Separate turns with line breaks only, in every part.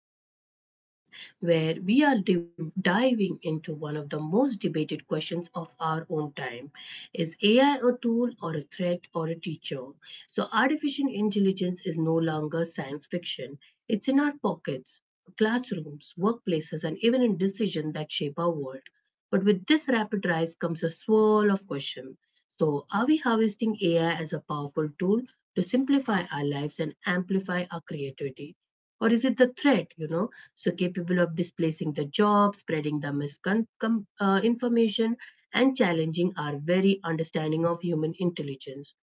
today's conversation, where we are diving into one of the most debated questions of our own time. Is AI a tool or a threat or a teacher? So, artificial intelligence is no longer science fiction, it's in our pockets, classrooms, workplaces, and even in decisions that shape our world. But with this rapid rise comes a swirl of questions. So, are we harvesting AI as a powerful tool to simplify our lives and amplify our creativity? Or is it the threat, so capable of displacing the job, spreading the misinformation, and challenging our very understanding of human intelligence?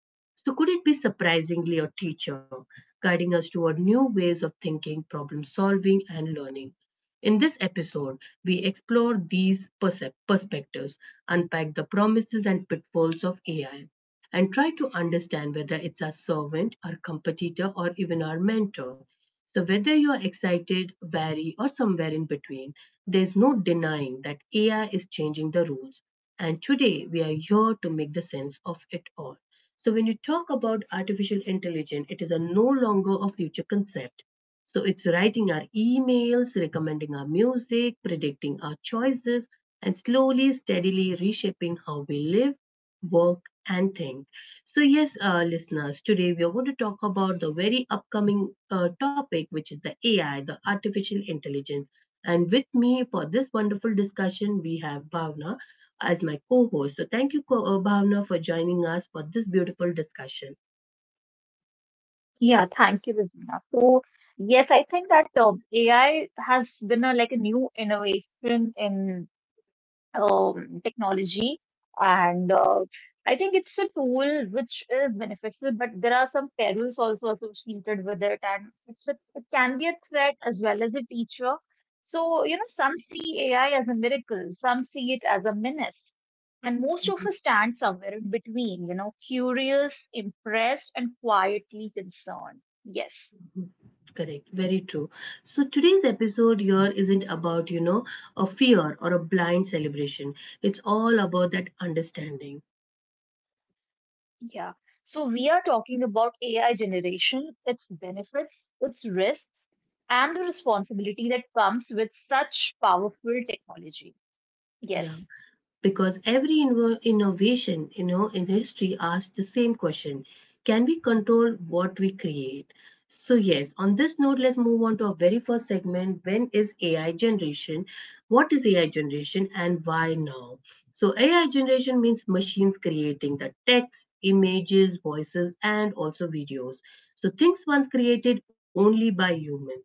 So, could it be surprisingly a teacher guiding us toward new ways of thinking, problem solving, and learning? In this episode, we explore these perspectives, unpack the promises and pitfalls of AI, and try to understand whether it's our servant, our competitor, or even our mentor. So, whether you're excited, wary, or somewhere in between, there's no denying that AI is changing the rules. And today, we are here to make the sense of it all. So when you talk about artificial intelligence, it is a no longer a future concept. So it's writing our emails, recommending our music, predicting our choices, and slowly, steadily reshaping how we live, work, and think. So yes, listeners, today we are going to talk about the very upcoming topic, which is the AI, the artificial intelligence. And with me for this wonderful discussion, we have Bhavna as my co host. So, thank you, Bhavna, for joining us for this beautiful discussion.
Yeah, thank you, Regina. So, yes, I think that AI has been like a new innovation in um, technology. And I think it's a tool which is beneficial, but there are some perils also associated with it. And it can be a threat as well as a teacher. So, you know, some see AI as a miracle, some see it as a menace. And most of
Mhm.
us stand somewhere in between, you know, curious, impressed, and quietly concerned. Yes.
Correct, very true. So today's episode here isn't about, a fear or a blind celebration. It's all about that understanding.
Yeah. So we are talking about AI generation, its benefits, its risks, and the responsibility that comes with such powerful technology.
Yeah.
Yes.
Because every innovation, in history asks the same question: can we control what we create? So yes, on this note, let's move on to our very first segment. When is AI generation? What is AI generation, and why now? So AI generation means machines creating the text, images, voices, and also videos. So things once created only by humans.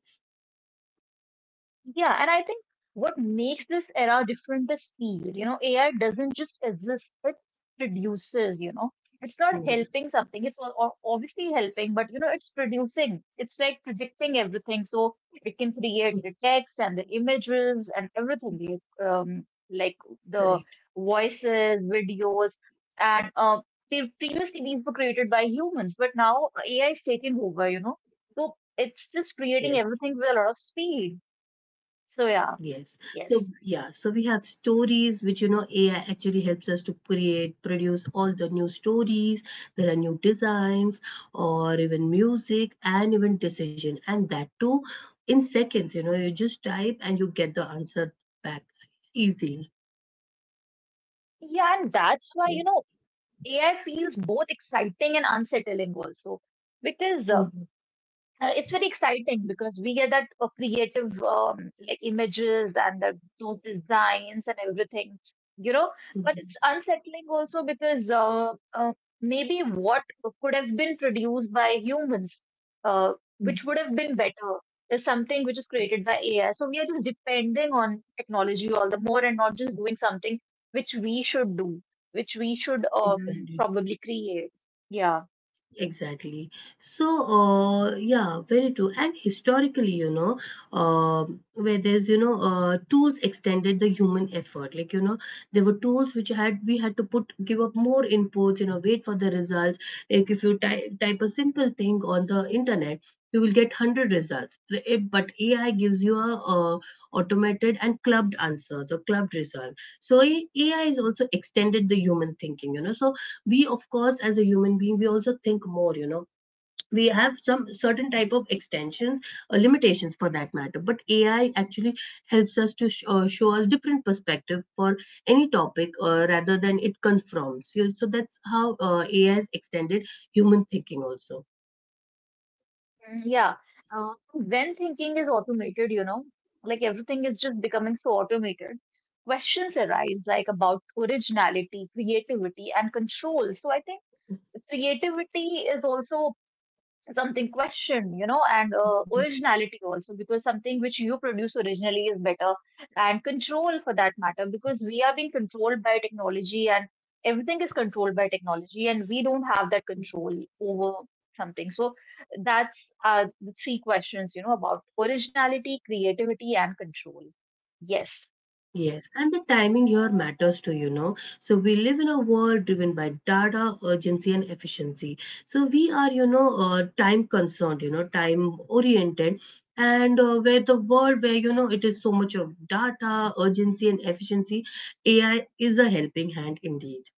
Yeah, and I think what makes this era different is speed. You know, AI doesn't just exist, it produces, you know. It's not
Yeah.
helping something, it's obviously helping, but you know, it's producing. It's like predicting everything. So it can create the text and the images and everything, like, like the
Correct.
voices, videos, and previously these were created by humans, but now AI is taking over, you know. So it's
Yes.
just creating everything with a lot of speed. So yeah,
Yes. So,
yes.
yeah, so we have stories which, AI actually helps us to create, produce all the new stories. There are new designs or even music and even decision. And that too in seconds, you just type and you get the answer back easily.
Yeah, and that's why,
Mhm.
you know, AI feels both exciting and unsettling also. Because
Mhm.
it's very exciting because we get that creative like images and the total designs and everything, you know, but it's unsettling also because maybe what could have been produced by humans, uh, which
Mhm.
would have been better, is something which is created by AI. So we are just depending on technology all the more and not just doing something which we should do, which we should
Exactly.
probably create. Yeah.
Exactly. So, yeah, very true. And historically, uh, where there's, tools extended the human effort. Like, there were tools which had we had to put give up more inputs, wait for the results. Like if you ty type a simple thing on the internet, you will get 100 results. But AI gives you a automated and clubbed answers or clubbed result. So AI is also extended the human thinking. You know, so we of course as a human being we also think more, we have some certain type of extensions, limitations for that matter, but AI actually helps us to show us different perspective for any topic, rather than it confirms, so that's how, AI has extended human thinking also.
Mm. Yeah. When thinking is automated, you know, like everything is just becoming so automated, questions arise like about originality, creativity, and control. So I think creativity is also something questioned, you know, and
Mhm.
originality also, because something which you produce originally is better, and control for that matter, because we are being controlled by technology, and everything is controlled by technology, and we don't have that control over something. So, that's the three questions, you know, about originality, creativity, and control. Yes.
Yes, and the timing here matters too. So we live in a world driven by data, urgency, and efficiency. So we are, time concerned, time oriented, and where the world where it is so much of data, urgency, and efficiency, AI is a helping hand indeed.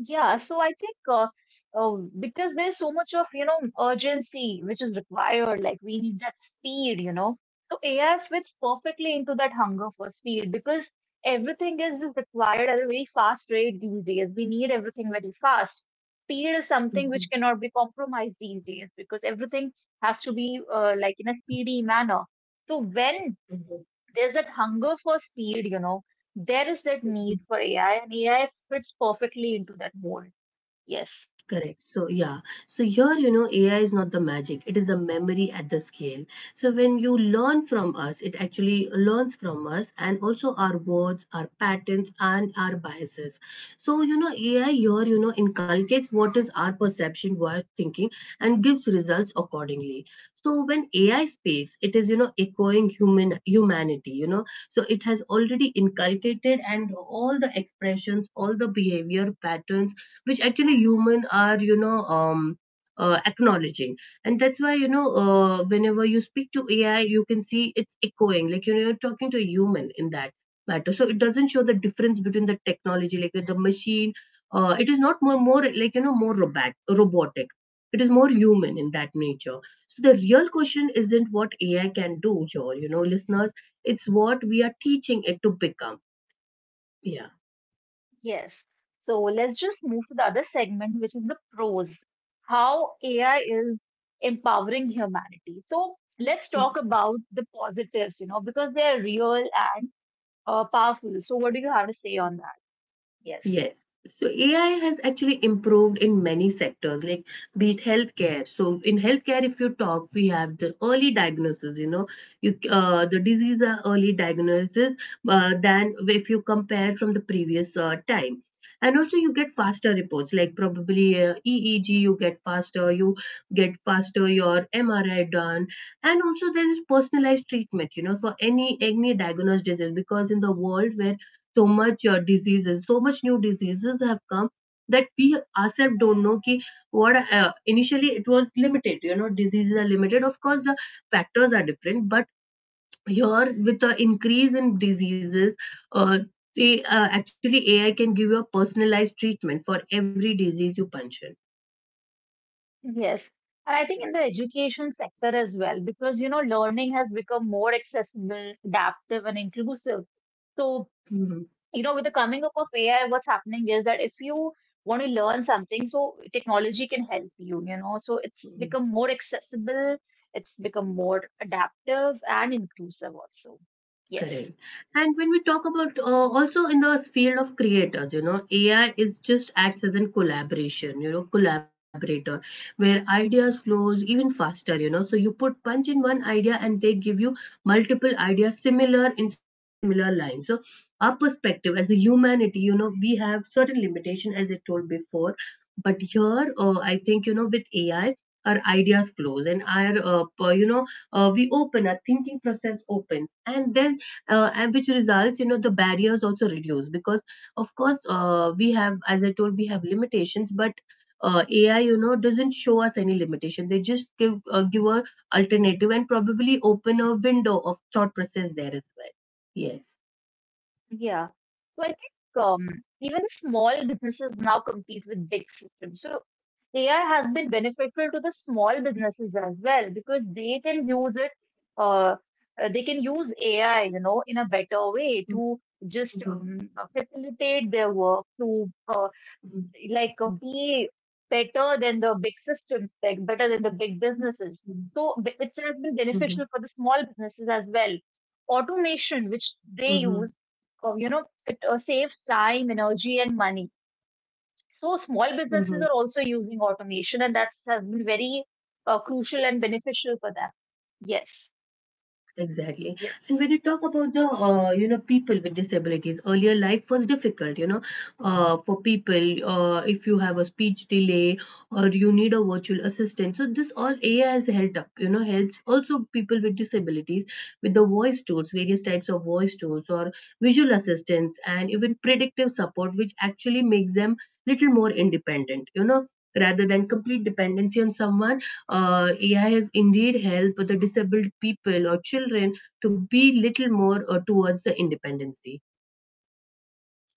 Yeah, so I think uh, because there's so much of, you know, urgency which is required, like we need that speed, you know. So AI fits perfectly into that hunger for speed because everything is just required at a very fast rate these days. We need everything very fast. Speed is something which
Mhm.
cannot be compromised these days because everything has to be like in a speedy manner. So when
Mhm.
there's that hunger for speed, you know, there is that need for AI, and AI fits perfectly into that mold. Yes,
Correct. So, yeah. So, here, AI is not the magic, it is the memory at the scale. So, when you learn from us, it actually learns from us and also our words, our patterns, and our biases. So, AI here, inculcates what is our perception, what thinking, and gives results accordingly. So, when AI speaks, it is, echoing human humanity. So, it has already inculcated and all the expressions, all the behavior patterns which actually human are acknowledging. And that's why whenever you speak to AI, you can see it's echoing like you're talking to a human in that matter. So it doesn't show the difference between the technology, like the machine, it is not more more like more robotic. It is more human in that nature. So the real question isn't what AI can do here, listeners. It's what we are teaching it to become. Yeah.
yes. So let's just move to the other segment, which is the pros, how AI is empowering humanity. So let's talk about the positives, you know, because they're real and powerful. So what do you have to say on that? Yes,
Yes. So AI has actually improved in many sectors, like be it healthcare. So in healthcare, if you talk, we have the early diagnosis. You know, you the disease are early diagnosis, than if you compare from the previous time. And also, you get faster reports, like probably EEG. You get faster. You get faster your MRI done, and also there is personalized treatment. You know, for any diagnosed disease, because in the world where so much diseases, so much new diseases have come that we ourselves don't know ki what. Initially it was limited, diseases are limited, of course the factors are different, but here with the increase in diseases, uh, actually AI can give you a personalized treatment for every disease you punch in.
yes. And I think in the education sector as well, because, you know, learning has become more accessible, adaptive, and inclusive. So you know, with the coming up of AI, what's happening is that if you want to learn something, so technology can help you, you know, so it's
Mhm.
become more accessible, it's become more adaptive and inclusive also. Yes.
Correct. And when we talk about, also in the field of creators, AI is just acts as a collaboration, collaborator where ideas flows even faster. So you put punch in one idea and they give you multiple ideas similar in similar lines. So our perspective as a humanity, we have certain limitation as I told before, but here I think with AI our ideas flows and our per- you know we open our thinking process open. And then, and which results, the barriers also reduce, because of course, we have as I told we have limitations, but AI doesn't show us any limitation. They just give a alternative and probably open a window of thought process there as well. Yes.
Yeah. So I think even small businesses now compete with big systems. So AI has been beneficial to the small businesses as well because they can use it, uh, they can use AI, you know, in a better way to just
Mhm,
facilitate their work, to
mhm,
be better than the big systems, like better than the big
mhm,
businesses. So it has been
mhm,
beneficial for the small businesses as well. Automation,
mhm,
which they use, you know, it saves time, energy, and money.
mhm,
So
mhm.
small businesses are also using automation, and that has been very crucial and beneficial for them. Yes.
Exactly. And
Yeah.
when you talk about the, people with disabilities, earlier life was difficult, for people, if you have a speech delay or you need a virtual assistant. So this all AI has helped up, helps also people with disabilities with the voice tools, various types of voice tools or visual assistance and even predictive support, which actually makes them little more independent, rather than complete dependency on someone. AI has indeed helped the disabled people or children to be little more, towards the independency.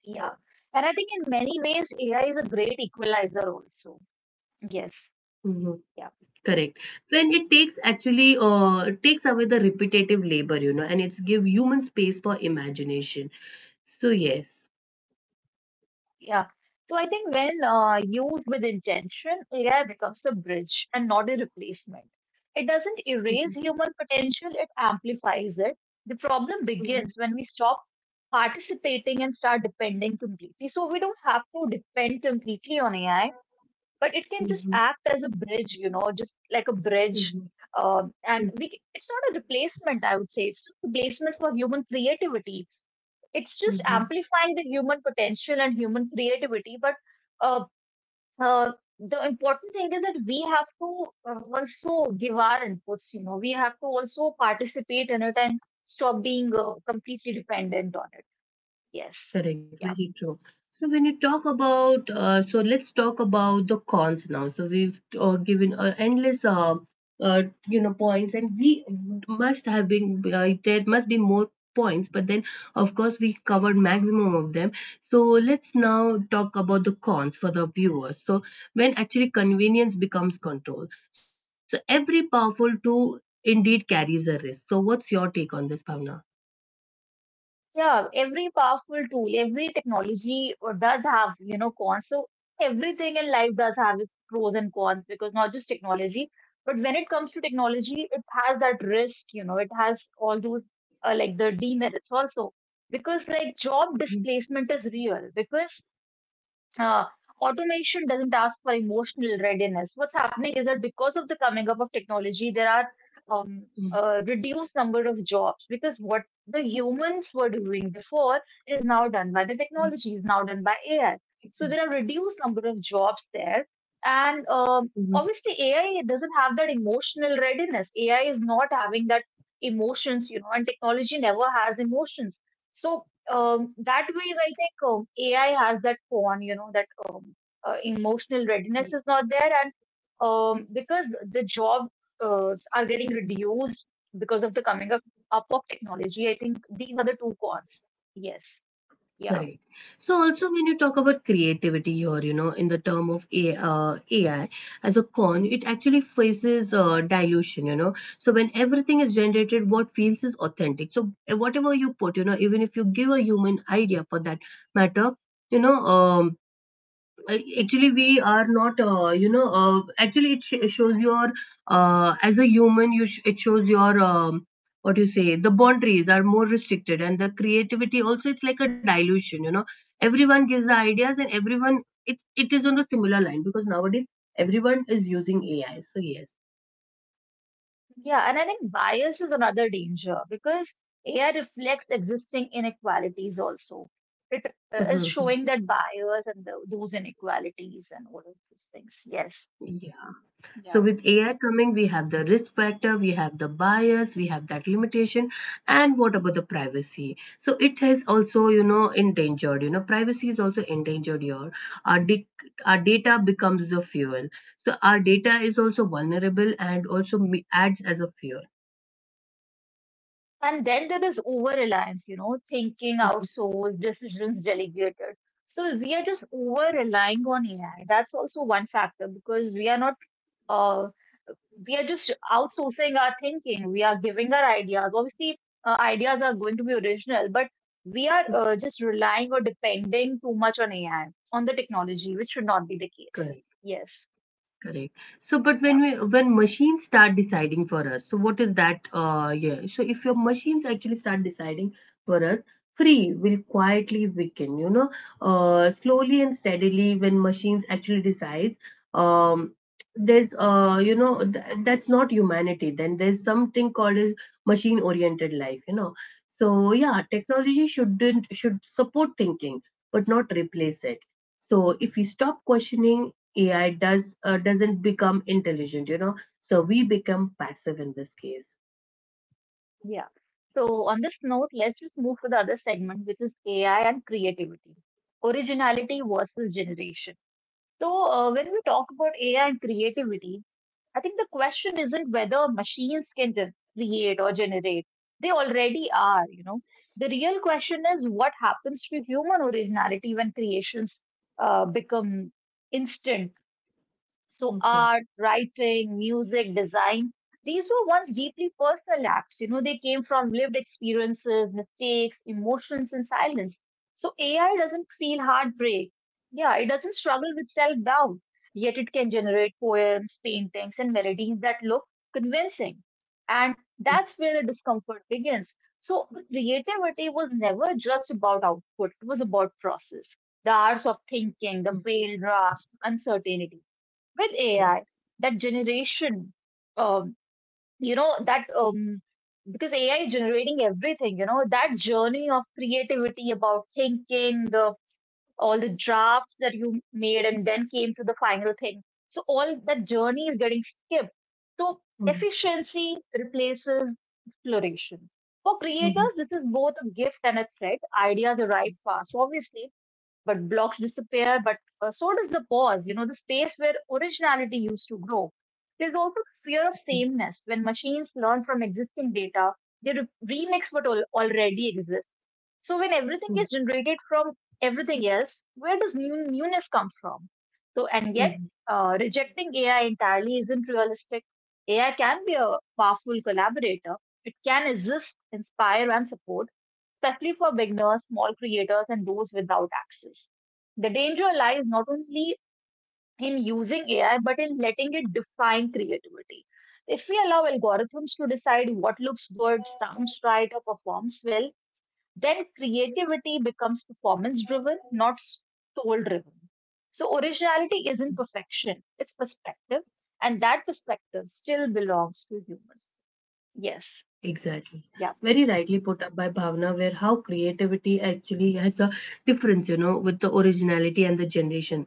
Yeah. And I think in many ways, AI is a great equalizer also. Yes.
Mhm.
Yeah.
Correct. When it takes actually, it takes away the repetitive labor, and it's give human space for imagination. So yes.
Yeah. So I think when used with intention, AI becomes a bridge and not a replacement. It doesn't erase
Mhm.
human potential, it amplifies it. The problem begins
Mhm.
when we stop participating and start depending completely. So we don't have to depend completely on AI, but it can just
Mhm.
act as a bridge, you know, just like a bridge.
Mhm.
Um, and
Mhm.
we, c- it's not a replacement, I would say. It's a replacement for human creativity, it's just
Mhm.
amplifying the human potential and human creativity. But uh, the important thing is that we have to also give our inputs, you know, we have to also participate in it and stop being completely dependent on it. Yes.
Correct,
Yeah.
very true. So when you talk about, so let's talk about the cons now. So we've, given endless, points, and we must have been there must be more points, but then of course we covered maximum of them. So let's now talk about the cons for the viewers. So when actually convenience becomes control, so every powerful tool indeed carries a risk. So what's your take on this, Bhavna?
Yeah, every powerful tool, every technology does have, you know, cons. So everything in life does have its pros and cons because not just technology, but when it comes to technology, it has that risk, you know, it has all those like the demerits also, because like job
Mhm,
displacement is real because uh, automation doesn't ask for emotional readiness. What's happening is that because of the coming up of technology, there are um,
mhm,
a reduced number of jobs because what the humans were doing before is now done by the
mhm.
technology, is now done by AI. So there are reduced number of jobs there, and
Mhm.
obviously AI doesn't have that emotional readiness. AI is not having that emotions, you know, and technology never has emotions. So that way, I think AI has that con, you know, that um, emotional readiness is not there, and because the jobs are getting reduced because of up of technology, I think these are the two cons. Yes, yeah,
Correct. So also when you talk about creativity here, in the term of AI as a con, it actually faces dilution, So when everything is generated, what feels is authentic. So whatever you put, even if you give a human idea for that matter, you know, um, actually we are not, actually it shows your as a human you it shows your what you say the boundaries are more restricted and the creativity also it's like a dilution. Everyone gives the ideas and everyone it is on a similar line because nowadays everyone is using ai so yes.
yeah, and I think bias is another danger because AI reflects existing inequalities also. It is
Mhm.
showing that bias and those inequalities and all of those things. Yes,
Yeah. So
yeah.
with AI coming, we have the risk factor, we have the bias, we have that limitation, and what about the privacy? So it has also, endangered. Privacy is also endangered here. Our dic- our data becomes the fuel. So our data is also vulnerable and also adds as a fuel.
And then there is over reliance, you know, thinking
Mhm.
outsourced, decisions delegated. So we are just over relying on AI. That's also one factor because we are not, uh, we are just outsourcing our thinking. We are giving our ideas. Obviously, ideas are going to be original, but we are just relying or depending too much on AI, on the technology, which should not be the
Correct.
case. Yes.
Correct. So, but
Yeah.
when machines start deciding for us, so what is that? Yeah. So if your machines actually start deciding for us, free will quietly weaken. Slowly and steadily when machines actually decides, um, there's that's not humanity. Then there's something called as machine oriented life. So, yeah, technology shouldn't should support thinking, but not replace it. So if we stop questioning, AI doesn't become intelligent. So we become passive in this case.
Yeah. So on this note, let's just move to the other segment, which is AI and creativity, originality versus generation. So when we talk about AI and creativity, I think the question isn't whether machines can create or generate. They already are, you know. The real question is what happens to human originality when creations become instant. So
Mhm,
art, writing, music, design, these were once deeply personal acts. You know, they came from lived experiences, mistakes, emotions, and silence. So AI doesn't feel heartbreak. Yeah, it doesn't struggle with self-doubt, yet it can generate poems, paintings, and melodies that look convincing. And
mhm,
that's where the discomfort begins. So the creativity was never just about output, it was about process, the hours of thinking, the
mhm,
failed drafts, uncertainty. With AI,
correct.
that generation, um, you know, that because AI is generating everything, you know, that journey of creativity about thinking, the all the drafts that you made and then came to the final thing. So all that journey is getting skipped. So
Mhm,
efficiency replaces exploration. For creators, this
mhm,
is both a gift and a threat. Ideas arrive fast, obviously, but blocks disappear, but so does the pause, you know, the space where originality used to grow. There's also the fear
mhm,
of sameness. When machines learn from existing data, they remix what already exists. So when everything
mhm,
is generated from everything else, where does newness come from? So, and yet,
mhm, mhm.
rejecting AI entirely isn't realistic. AI can be a powerful collaborator. It can assist, inspire, and support, especially for beginners, small creators, and those without access. The danger lies not only in using AI, but in letting it define creativity. If we allow algorithms to decide what looks good, sounds right, or performs well, then creativity becomes performance driven, not soul driven. So, originality isn't perfection, it's perspective, and that perspective still belongs to humans. Yes,
Exactly.
yeah,
Very rightly put up by Bhavna, where how creativity actually has a difference with the originality and the generation.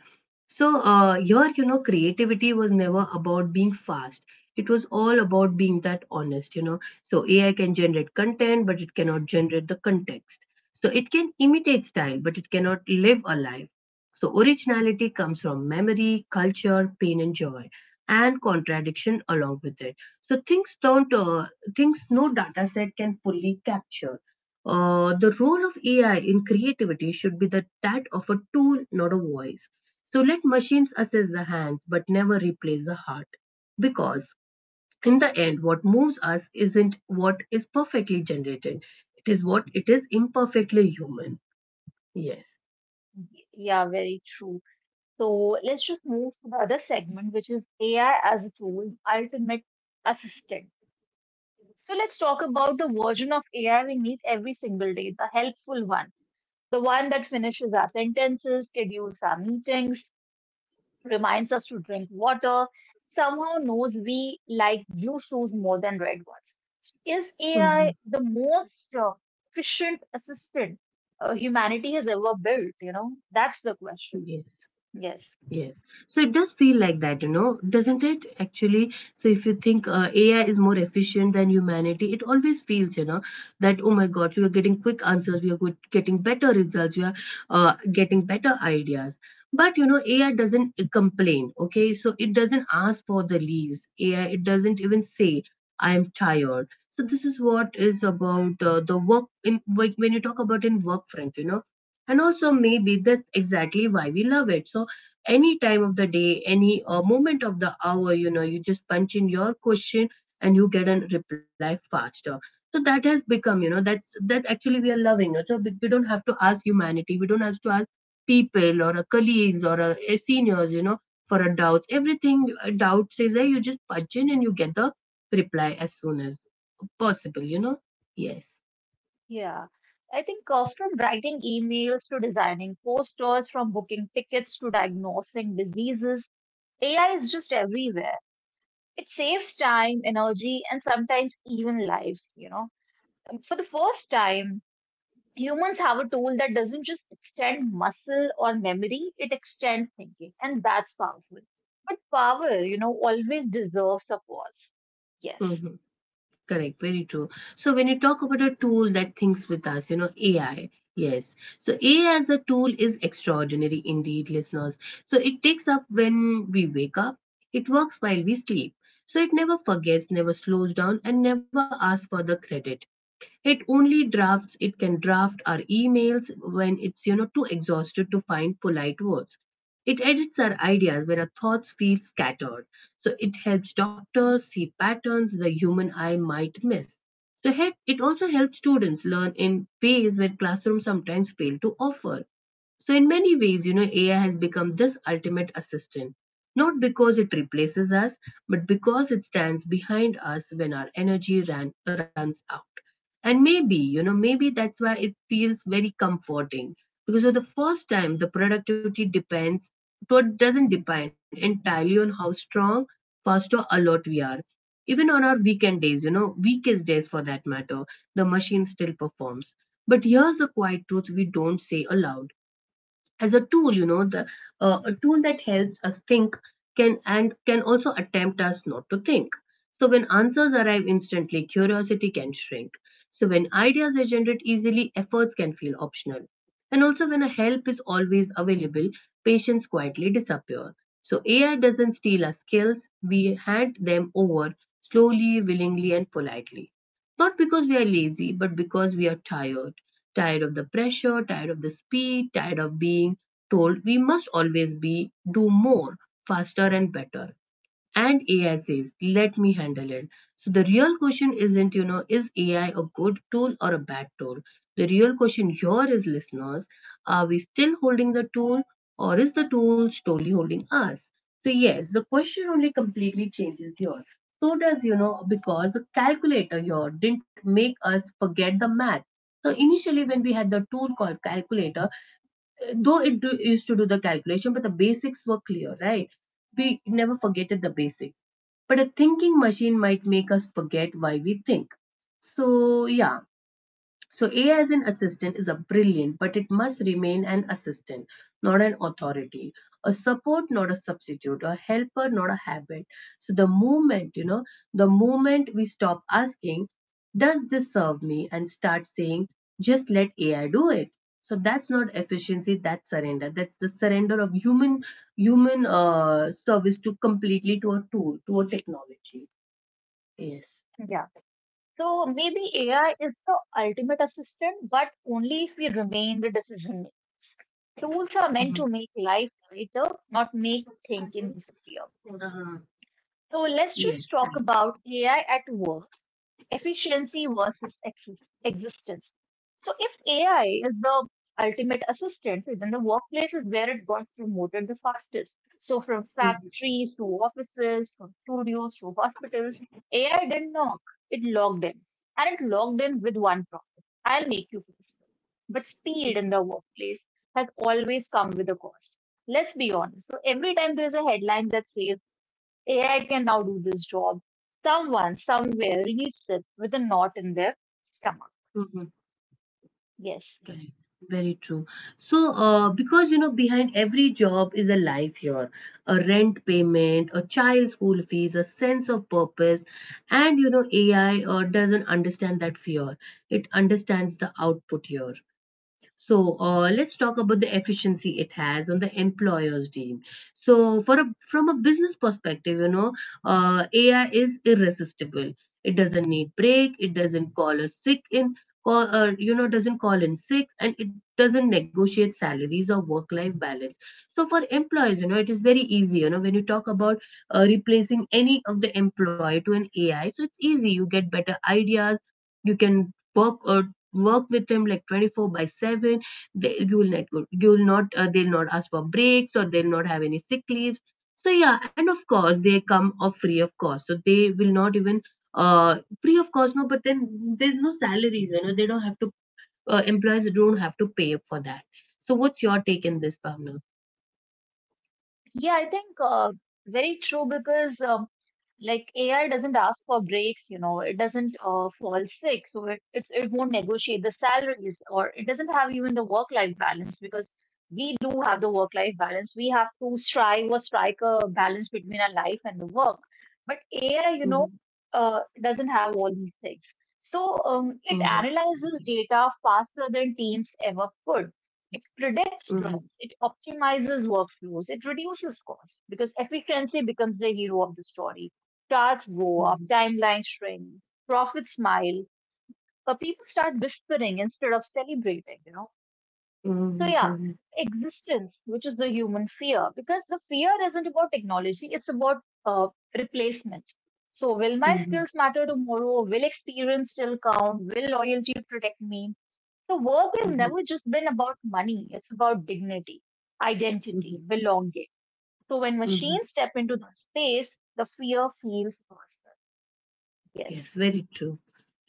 So, here, creativity was never about being fast. It was all about being that honest. So, AI can generate content, but it cannot generate the context. So, it can imitate style, but it cannot live a life. So, originality comes from memory, culture, pain, and joy, and contradiction along with it. So things don't things no dataset can fully capture. The role of AI in creativity should be that of a tool, not a voice. So let machines assess the hands, but never replace the heart. Because in the end, what moves us isn't what is perfectly generated, it is what it is imperfectly human. Yes.
yeah, very true. So let's just move to the other segment, which is AI as a tool, ultimate assistant. So let's talk about the version of AI we meet every single day, the helpful one, the one that finishes our sentences, schedules our meetings, reminds us to drink water, somehow knows we like blue shoes more than red ones. So, is
Mhm.
AI the most efficient assistant humanity has ever built? You know, that's the question.
Yes.
Yes.
Yes. So it does feel like that, doesn't it? Actually, so if you think AI is more efficient than humanity, it always feels that oh my God, we are getting quick answers, we are getting better results, we are getting better ideas. But AI doesn't complain. Okay, so it doesn't ask for the leaves. AI, it doesn't even say, "I am tired." So this is what is about the work in when you talk about in work front, and also maybe that's exactly why we love it. So any time of the day, any moment of the hour, you just punch in your question and you get a reply faster. So that has become. That's actually we are loving it. So we don't have to ask humanity. We don't have to ask people or a colleagues or a seniors, for a doubts. Everything doubts is there. You just punch in and you get the reply as soon as possible. Yes.
Yeah, I think from writing emails to designing posters, from booking tickets to diagnosing diseases, AI is just everywhere. It saves time, energy, and sometimes even lives. For the first time, humans have a tool that doesn't just extend muscle or memory, it extends thinking, and that's powerful. But power, you know, always deserves a pause. Yes.
Mm-hmm. Correct, very true. So when you talk about a tool that thinks with us, AI. Yes. So AI as a tool is extraordinary indeed, listeners. So it takes up when we wake up, it works while we sleep. So it never forgets, never slows down, and never asks for the credit. It can draft our emails when it's too exhausted to find polite words. It edits our ideas when our thoughts feel scattered. So it helps doctors see patterns the human eye might miss. So it also helps students learn in ways where classrooms sometimes fail to offer. So, in many ways, AI has become this ultimate assistant, not because it replaces us, but because it stands behind us when our energy runs out. And maybe that's why it feels very comforting because for the first time, the productivity depends, but doesn't depend entirely on how strong, fast, or alert we are. Even on our weekend days, you know, weakest days for that matter, the machine still performs. But here's a quiet truth we don't say aloud: as a tool you know the a tool that helps us think can also attempt us not to think. So when answers arrive instantly, curiosity can shrink. So when ideas are generated easily, efforts can feel optional. And also when a help is always available, patients quietly disappear. So AI doesn't steal our skills, we hand them over slowly, willingly, and politely, not because we are lazy but because we are tired. Tired of the pressure, tired of the speed, tired of being told we must always be, do more, faster, and better. And AI says, let me handle it. So the real question isn't, is AI a good tool or a bad tool? The real question here is, listeners, are we still holding the tool or is the tool slowly holding us? So, yes, the question only completely changes here. So because the calculator here didn't make us forget the math. So initially, when we had the tool called calculator, though it used to do the calculation, but the basics were clear, right? We never forget the basics. But a thinking machine might make us forget why we think. So, yeah, so AI as an assistant is a brilliant, but it must remain an assistant, not an authority. A support, not a substitute. A helper, not a habit. So the moment we stop asking, does this serve me? And start saying, just let AI do it. So that's not efficiency, that's surrender. That's the surrender of human human service to completely to a tool, to a technology. Yes.
So maybe AI is the ultimate assistant, but only if we remain the decision makers. Tools are meant to
Mhm.
make life lighter, not make thinking disappear.
Uh,
So let's just
yes,
talk
correct.
about AI at work, efficiency versus existence. So if AI is the ultimate assistant, then the workplace is where it got promoted the fastest. So from
Mm-hmm.
factories to offices, from studios to hospitals, AI didn't knock, it logged in. And it logged in with one promise: I'll make you feel slow. But speed in the workplace has always come with a cost. Let's be honest. So every time there's a headline that says AI can now do this job, someone somewhere reads it with a knot in their,
Mhm,
yes.
correct. Very true. So, because, behind every job is a life here, a rent payment, a child school fees, a sense of purpose, and AI doesn't understand that fear. It understands the output here. So let's talk about the efficiency it has on the employer's team. So from a business perspective, AI is irresistible. It doesn't need break. It doesn't call a sick in. Doesn't call in sick, and it doesn't negotiate salaries or work-life balance. So for employees, it is very easy. When you talk about replacing any of the employee to an AI, so it's easy. You get better ideas. You can work with them like 24/7. They'll not ask for breaks, or they'll not have any sick leaves. So, yeah, and of course they come of free of cost, so they will not even uh free of cost, no, but then there's no salaries. They don't have to employers don't have to pay for that. So what's your take in this, Bhavna?
Yeah, I think very true, because like AI doesn't ask for breaks, you know, it doesn't fall sick, so it won't negotiate the salaries, or it doesn't have even the work-life balance, because we do have the work-life balance. We have to strive or strike a balance between our life and the work. But AI,
Hmm.
you know, doesn't have all these things. So
Hmm.
it analyzes data faster than teams ever could. It
Hmm.
predicts
Hmm.
trends, it optimizes workflows, it reduces costs, because efficiency becomes the hero of the story. Charts go up, timelines shrink, profits smile, but people start whispering instead of celebrating. So yeah,
Hmm.
existence, which is the human fear, because the fear isn't about technology, it's about uh, replacement. So will my
Hmm.
skills matter tomorrow? Will experience still count? Will loyalty protect me? So work has never just been about money. It's about dignity, identity,
Hmm.
belonging. So when
Hmm.
machines step into that space, the fear feels personal. Yes.
Yes, very true.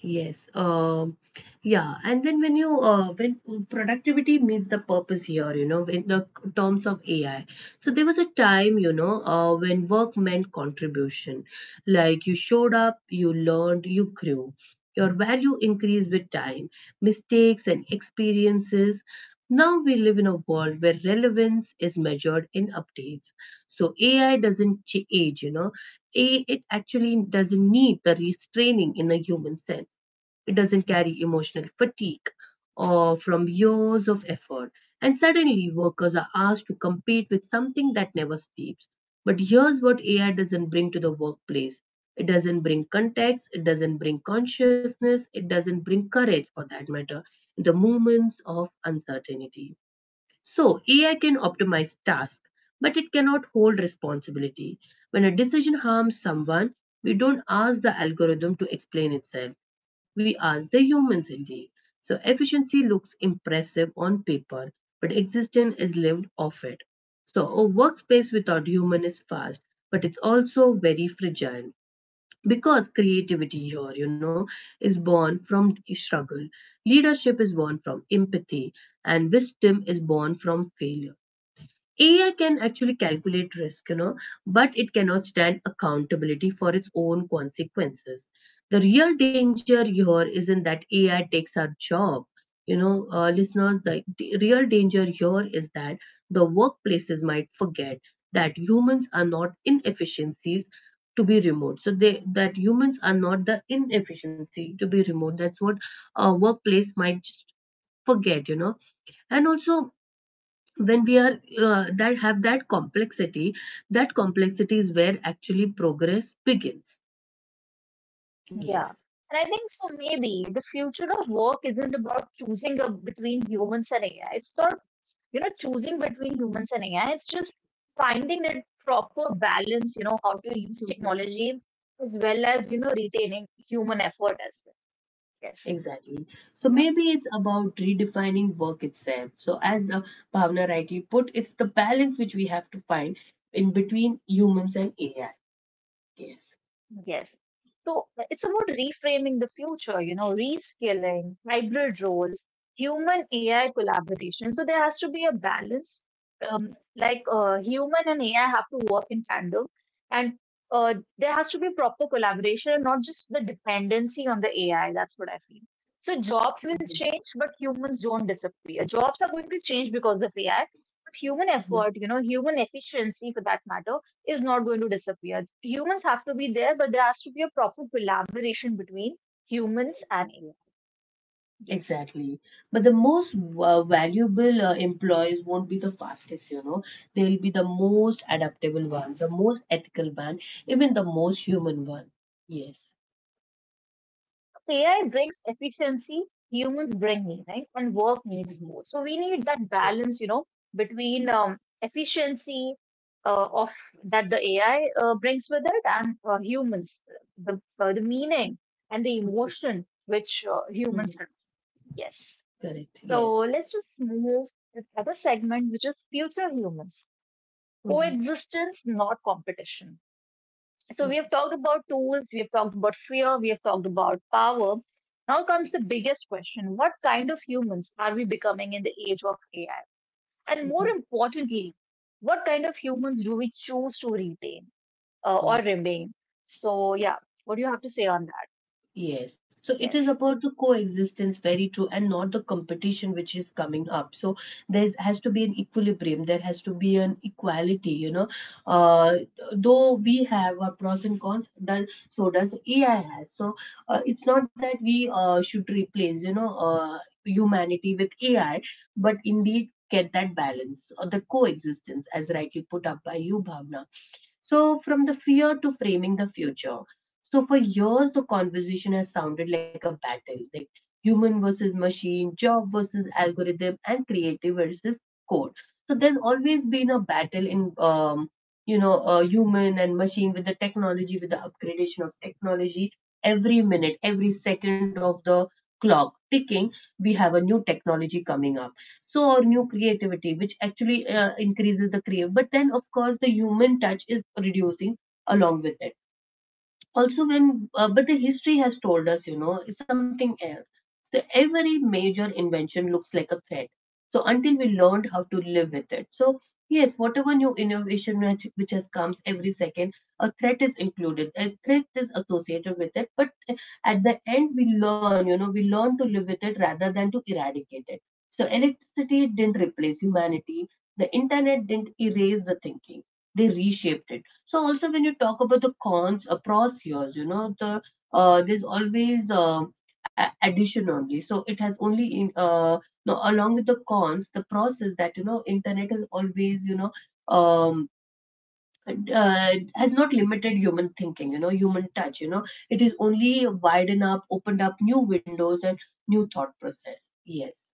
Yes. Yeah. And then when you when productivity meets the purpose here, in the terms of AI. So there was a time, when work meant contribution. Like you showed up, you learned, you grew. Your value increased with time, mistakes and experiences. Now we live in a world where relevance is measured in updates. So AI doesn't age. It actually doesn't need the restraining in a human sense. It doesn't carry emotional fatigue or from years of effort. And suddenly, workers are asked to compete with something that never sleeps. But here's what AI doesn't bring to the workplace: it doesn't bring context, it doesn't bring consciousness, it doesn't bring courage, for that matter, in the moments of uncertainty. So AI can optimize tasks, but it cannot hold responsibility. When a decision harms someone, we don't ask the algorithm to explain itself. We ask the humans indeed. So efficiency looks impressive on paper, but existence is lived off it. So a workspace without human is fast, but it's also very fragile because creativity here is born from struggle, leadership is born from empathy, and wisdom is born from failure. AI can actually calculate risk, but it cannot stand accountability for its own consequences. The real danger here isn't that AI takes our job, listeners. The real danger here is that the workplaces might forget that humans are not inefficiencies to be removed. So they that humans are not the inefficiency to be removed. That's what a workplace might just forget. And also when we are that have that complexity is where actually progress begins.
Yeah.
Yes.
And I think so maybe the future of work isn't about choosing a, between humans and AI. It's not, you know, choosing between humans and AI. It's just finding that proper balance, you know, how to use
Mhm.
technology as well as, you know, retaining human effort as well. Yes.
Exactly. So
Yeah.
maybe it's about redefining work itself. So as the Bhavna rightly put, it's the balance which we have to find in between humans and AI. Yes.
Yes. So it's about reframing the future, you know, reskilling, hybrid roles, human AI collaboration. So there has to be a balance. Um, like human and AI have to work in tandem, and there has to be proper collaboration, not just the dependency on the AI. That's what I feel. So jobs will
Mhm.
change, but humans don't disappear. Jobs are going to change because of AI, but human effort, you know, human efficiency for that matter is not going to disappear. Humans have to be there, but there has to be a proper collaboration between humans and AI. Yes.
Exactly. But the most valuable employees won't be the fastest. They'll be the most adaptable ones, the most ethical one, even the most human one. Yes.
AI brings efficiency, humans bring meaning, and work needs
Hmm.
both. So we need that
Yes.
balance, you know, between efficiency of that the AI brings with it and humans, the meaning and the
Hmm.
emotion which humans have. Yes.
Correct.
So
Yes.
let's just move to the other segment, which is future humans,
Hmm.
coexistence, not competition. So we have talked about tools, we have talked about fear, we have talked about power. Now comes the biggest question: what kind of humans are we becoming in the age of AI? And more importantly, what kind of humans do we choose to retain or
Hmm.
remain? So yeah, what do you have to say on that?
Yes, so it is
Yes.
about the coexistence, very true, and not the competition which is coming up. So there has to be an equilibrium, there has to be an equality. Uh, though we have our pros and cons, does so does AI has. So it's not that we should replace, humanity with AI, but indeed get that balance or the coexistence, as rightly put up by you, Bhavna. So, from the fear to framing the future. So, for years, the conversation has sounded like a battle like human versus machine, job versus algorithm, and creative versus code. So, there's always been a battle in, human and machine with the technology, with the upgradation of technology. Every minute, every second of the clock ticking, we have a new technology coming up. So or new creativity which actually increases the crave, but then of course the human touch is reducing along with it. Also when but the history has told us, you know, is something else. So every major invention looks like a threat, so until we learned how to live with it. So yes, whatever new innovation which has comes every second, a threat is included, a threat is associated with it, but at the end we learn, you know, we learn to live with it rather than to eradicate it. So electricity didn't replace humanity, the internet didn't erase the thinking, they reshaped it. So also when you talk about the cons across years, you know, there's always addition only. So it has only in no, along with the cons, the process that, you know, internet has always, you know, um, has not limited human thinking. You know, human touch. You know, it is only widened up, opened up new windows and new thought process. Yes.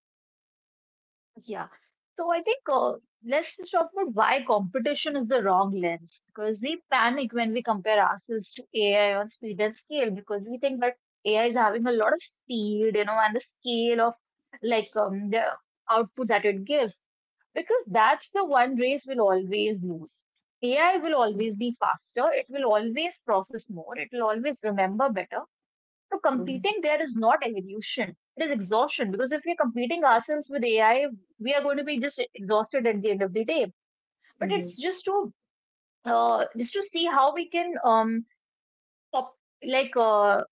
Yeah. So I think let's just talk about why competition is the wrong lens, because we panic when we compare ourselves to AI on speed and scale, because we think that AI is having a lot of speed, you know, and the scale of the output that it gives, because that's the one race we'll always lose. AI will always be faster. It will always process more. It will always remember better. So competing there is not evolution. It is exhaustion, because if we're competing ourselves with AI, we are going to be just exhausted at the end of the day. But
Hmm.
it's just to just to see how we can up, like uh,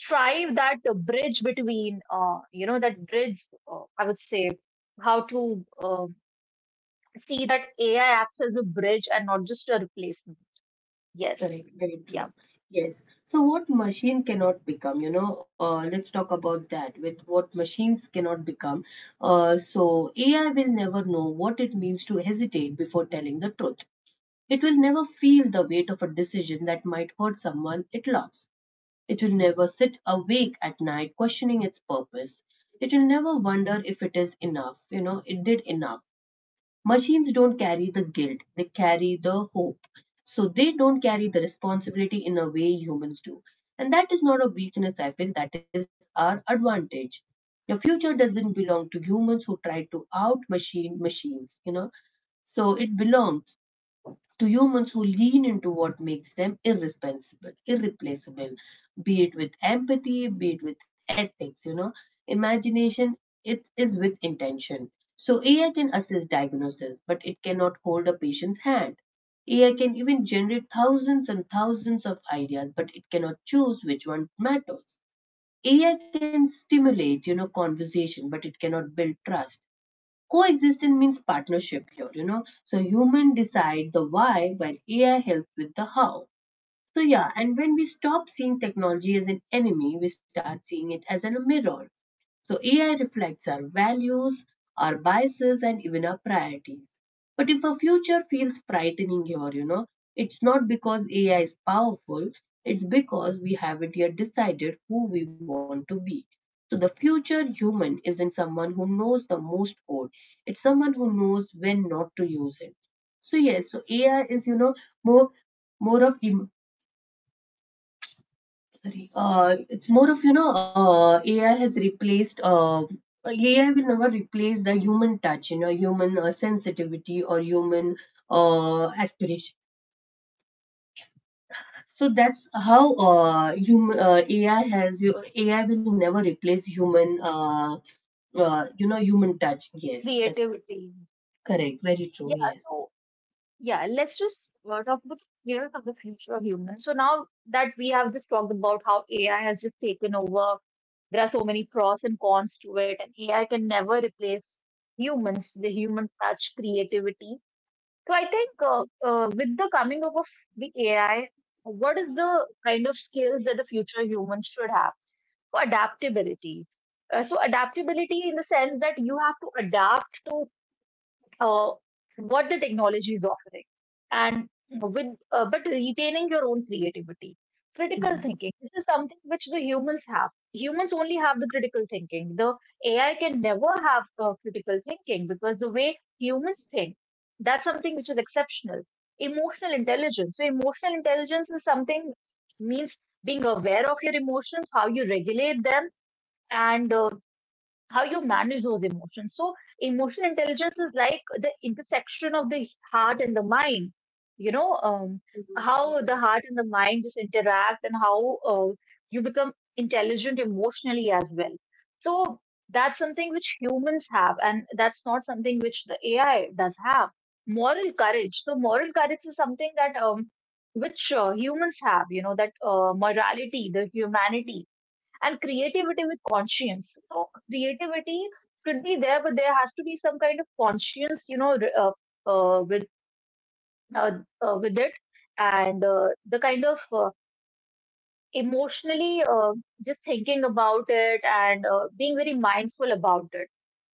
try that bridge between that bridge. I would say how to uh, see that AI acts as a bridge and not just a replacement. Yes,
Correct, very
yeah,
true. Yes. So, what machine cannot become? You know, let's talk about that with what machines cannot become. So, AI will never know what it means to hesitate before telling the truth. It will never feel the weight of a decision that might hurt someone it loves. It will never sit awake at night questioning its purpose. It will never wonder if it is enough, you know, it did enough. Machines don't carry the guilt, they carry the hope. So they don't carry the responsibility in a way humans do. And that is not a weakness, I feel, that is our advantage. The future doesn't belong to humans who try to out machine machines, you know. So it belongs to humans who lean into what makes them irresponsible, irreplaceable, be it with empathy, be it with ethics, you know, imagination, it is with intention. So AI can assist diagnosis, but it cannot hold a patient's hand. AI can even generate thousands and thousands of ideas, but it cannot choose which one matters. AI can stimulate, you know, conversation, but it cannot build trust. Coexistence means partnership here, you know. So human decide the why while AI helps with the how. So yeah, and when we stop seeing technology as an enemy, we start seeing it as a mirror. So AI reflects our values, our biases, and even our priorities. But if a future feels frightening here, you know, it's not because AI is powerful, it's because we haven't yet decided who we want to be. So the future human isn't someone who knows the most code. It's someone who knows when not to use it. So yes, so AI is, you know, more more of it's more of, AI has AI will never replace the human touch, you know, human sensitivity or human aspiration. So that's how human AI has, AI will never replace human, you know, human touch. Yes, that's
creativity.
correct. Very true.
Yeah,
Yes.
so. Yeah, let's just talk about fears of the future of humans. So now that we have just talked about how AI has just taken over, there are so many pros and cons to it, and AI can never replace humans, the human touch, creativity. So I think with the coming up of the AI, what is the kind of skills that the future humans should have? So adaptability. So adaptability in the sense that you have to adapt to uh, what the technology is offering, and with but retaining your own creativity. Critical
Mhm.
thinking, this is something which the humans have humans only have, the critical thinking. The AI can never have critical thinking, because the way humans think, that's something which is exceptional. Emotional intelligence, so emotional intelligence is something, means being aware of your emotions, how you regulate them, and how you manage those emotions. So emotional intelligence is like the intersection of the heart and the mind. You know, how the heart and the mind just interact and how you become intelligent emotionally as well. So that's something which humans have, and that's not something which the AI does have. Moral courage. So moral courage is something that which humans have. You know, that morality, the humanity, and creativity with conscience. So creativity could be there, but there has to be some kind of conscience, you know, uh, with with it, and the kind of emotionally just thinking about it and being very mindful about it.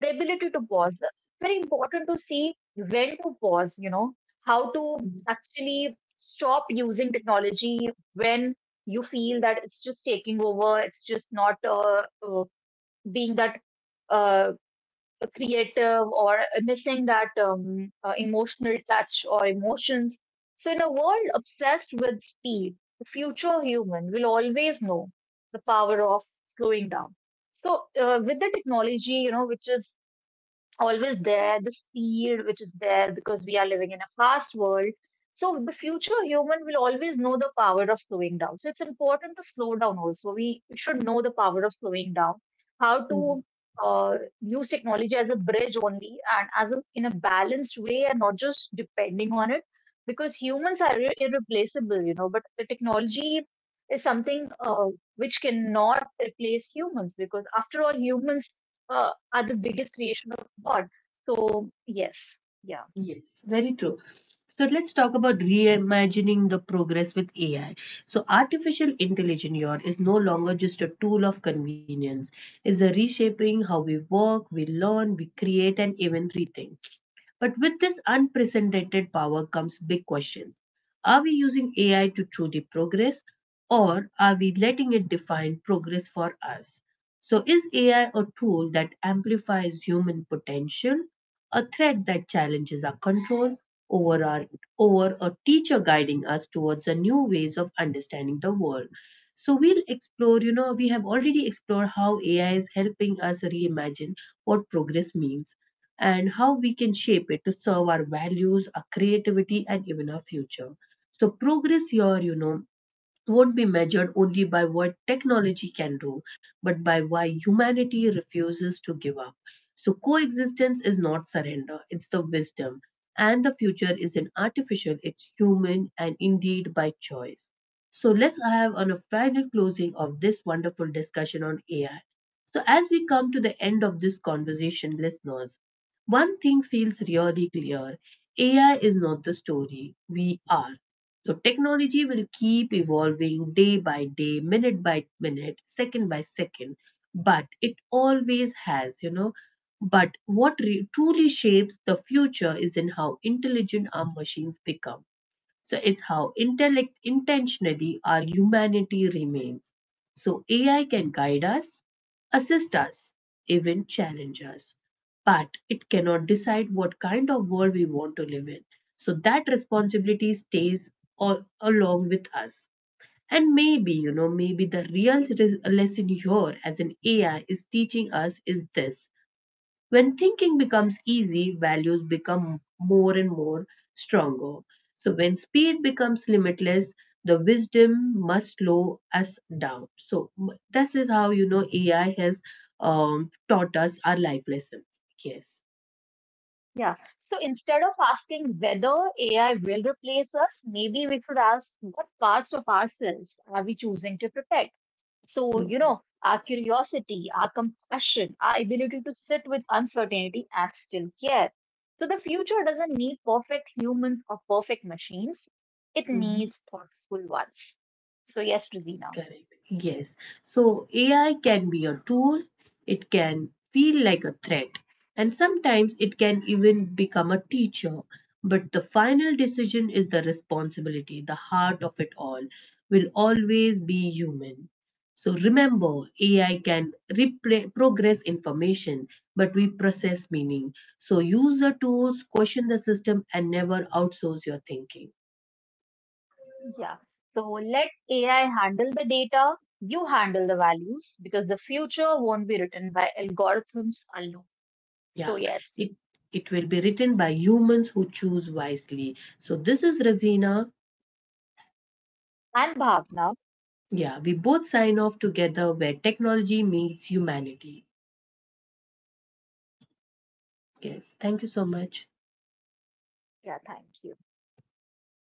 The ability to pause. Very important to see when to pause. You know, how to actually stop using technology when you feel that it's just taking over. It's just not uh, being that uh, creative, or missing that emotional touch or emotions. So in a world obsessed with speed, the future human will always know the power of slowing down. So with the technology, you know, which is always there, the speed which is there, because we are living in a fast world. So the future human will always know the power of slowing down. So it's important to slow down also. We should know the power of slowing down, how to
Mhm.
uh, use technology as a bridge only and as a, in a balanced way, and not just depending on it, because humans are irreplaceable, you know, but the technology is something which cannot replace humans, because after all, humans are the biggest creation of God. So yes, yeah,
Yes, very true. So let's talk about reimagining the progress with AI. So artificial intelligence here is no longer just a tool of convenience. It's a reshaping how we work, we learn, we create, and even rethink. But with this unprecedented power comes big question. Are we using AI to truly progress or are we letting it define progress for us? So is AI a tool that amplifies human potential, a threat that challenges our control over our over a teacher guiding us towards a new ways of understanding the world? So we'll explore, you know, we have already explored how AI is helping us reimagine what progress means and how we can shape it to serve our values, our creativity, and even our future. So progress here, you know, won't be measured only by what technology can do, but by why humanity refuses to give up. So, coexistence is not surrender, it's the wisdom. And the future isn't artificial, it's human and indeed by choice. So, let's have on a final closing of this wonderful discussion on AI. So, as we come to the end of this conversation, listeners, one thing feels really clear. AI is not the story, we are. So technology will keep evolving day by day, minute by minute, second by second, but it always has, you know. But what truly shapes the future is in how intelligent our machines become, so it's how intellect intentionally our humanity remains. So AI can guide us, assist us, even challenge us, but it cannot decide what kind of world we want to live in. So that responsibility stays all, along with us. And maybe, you know, maybe the real lesson here as an AI is teaching us is this. When thinking becomes easy, values become more and more stronger. So when speed becomes limitless, the wisdom must slow us down. So this is how, you know, AI has taught us our life lessons. Yes.
yeah. So instead of asking whether AI will replace us, maybe we should ask, what parts of ourselves are we choosing to protect? So, you
Mhm.
know, our curiosity, our compassion, our ability to sit with uncertainty and still care. So the future doesn't need perfect humans or perfect machines, it
Mhm.
needs thoughtful ones. So yes, Rosina.
Correct. Yes. So AI can be a tool, it can feel like a threat, and sometimes it can even become a teacher. But the final decision is the responsibility, the heart of it all will always be human. So remember, AI can progress information, but we process meaning. So use the tools, question the system, and never outsource your thinking.
Yeah. So let AI handle the data, you handle the values, because the future won't be written by algorithms alone.
Yeah,
So yes.
it it will be written by humans who choose wisely. So this is Razina.
And Bhavna,
Yeah, we both sign off together where technology meets humanity. Yes, thank you so much.
yeah, thank you.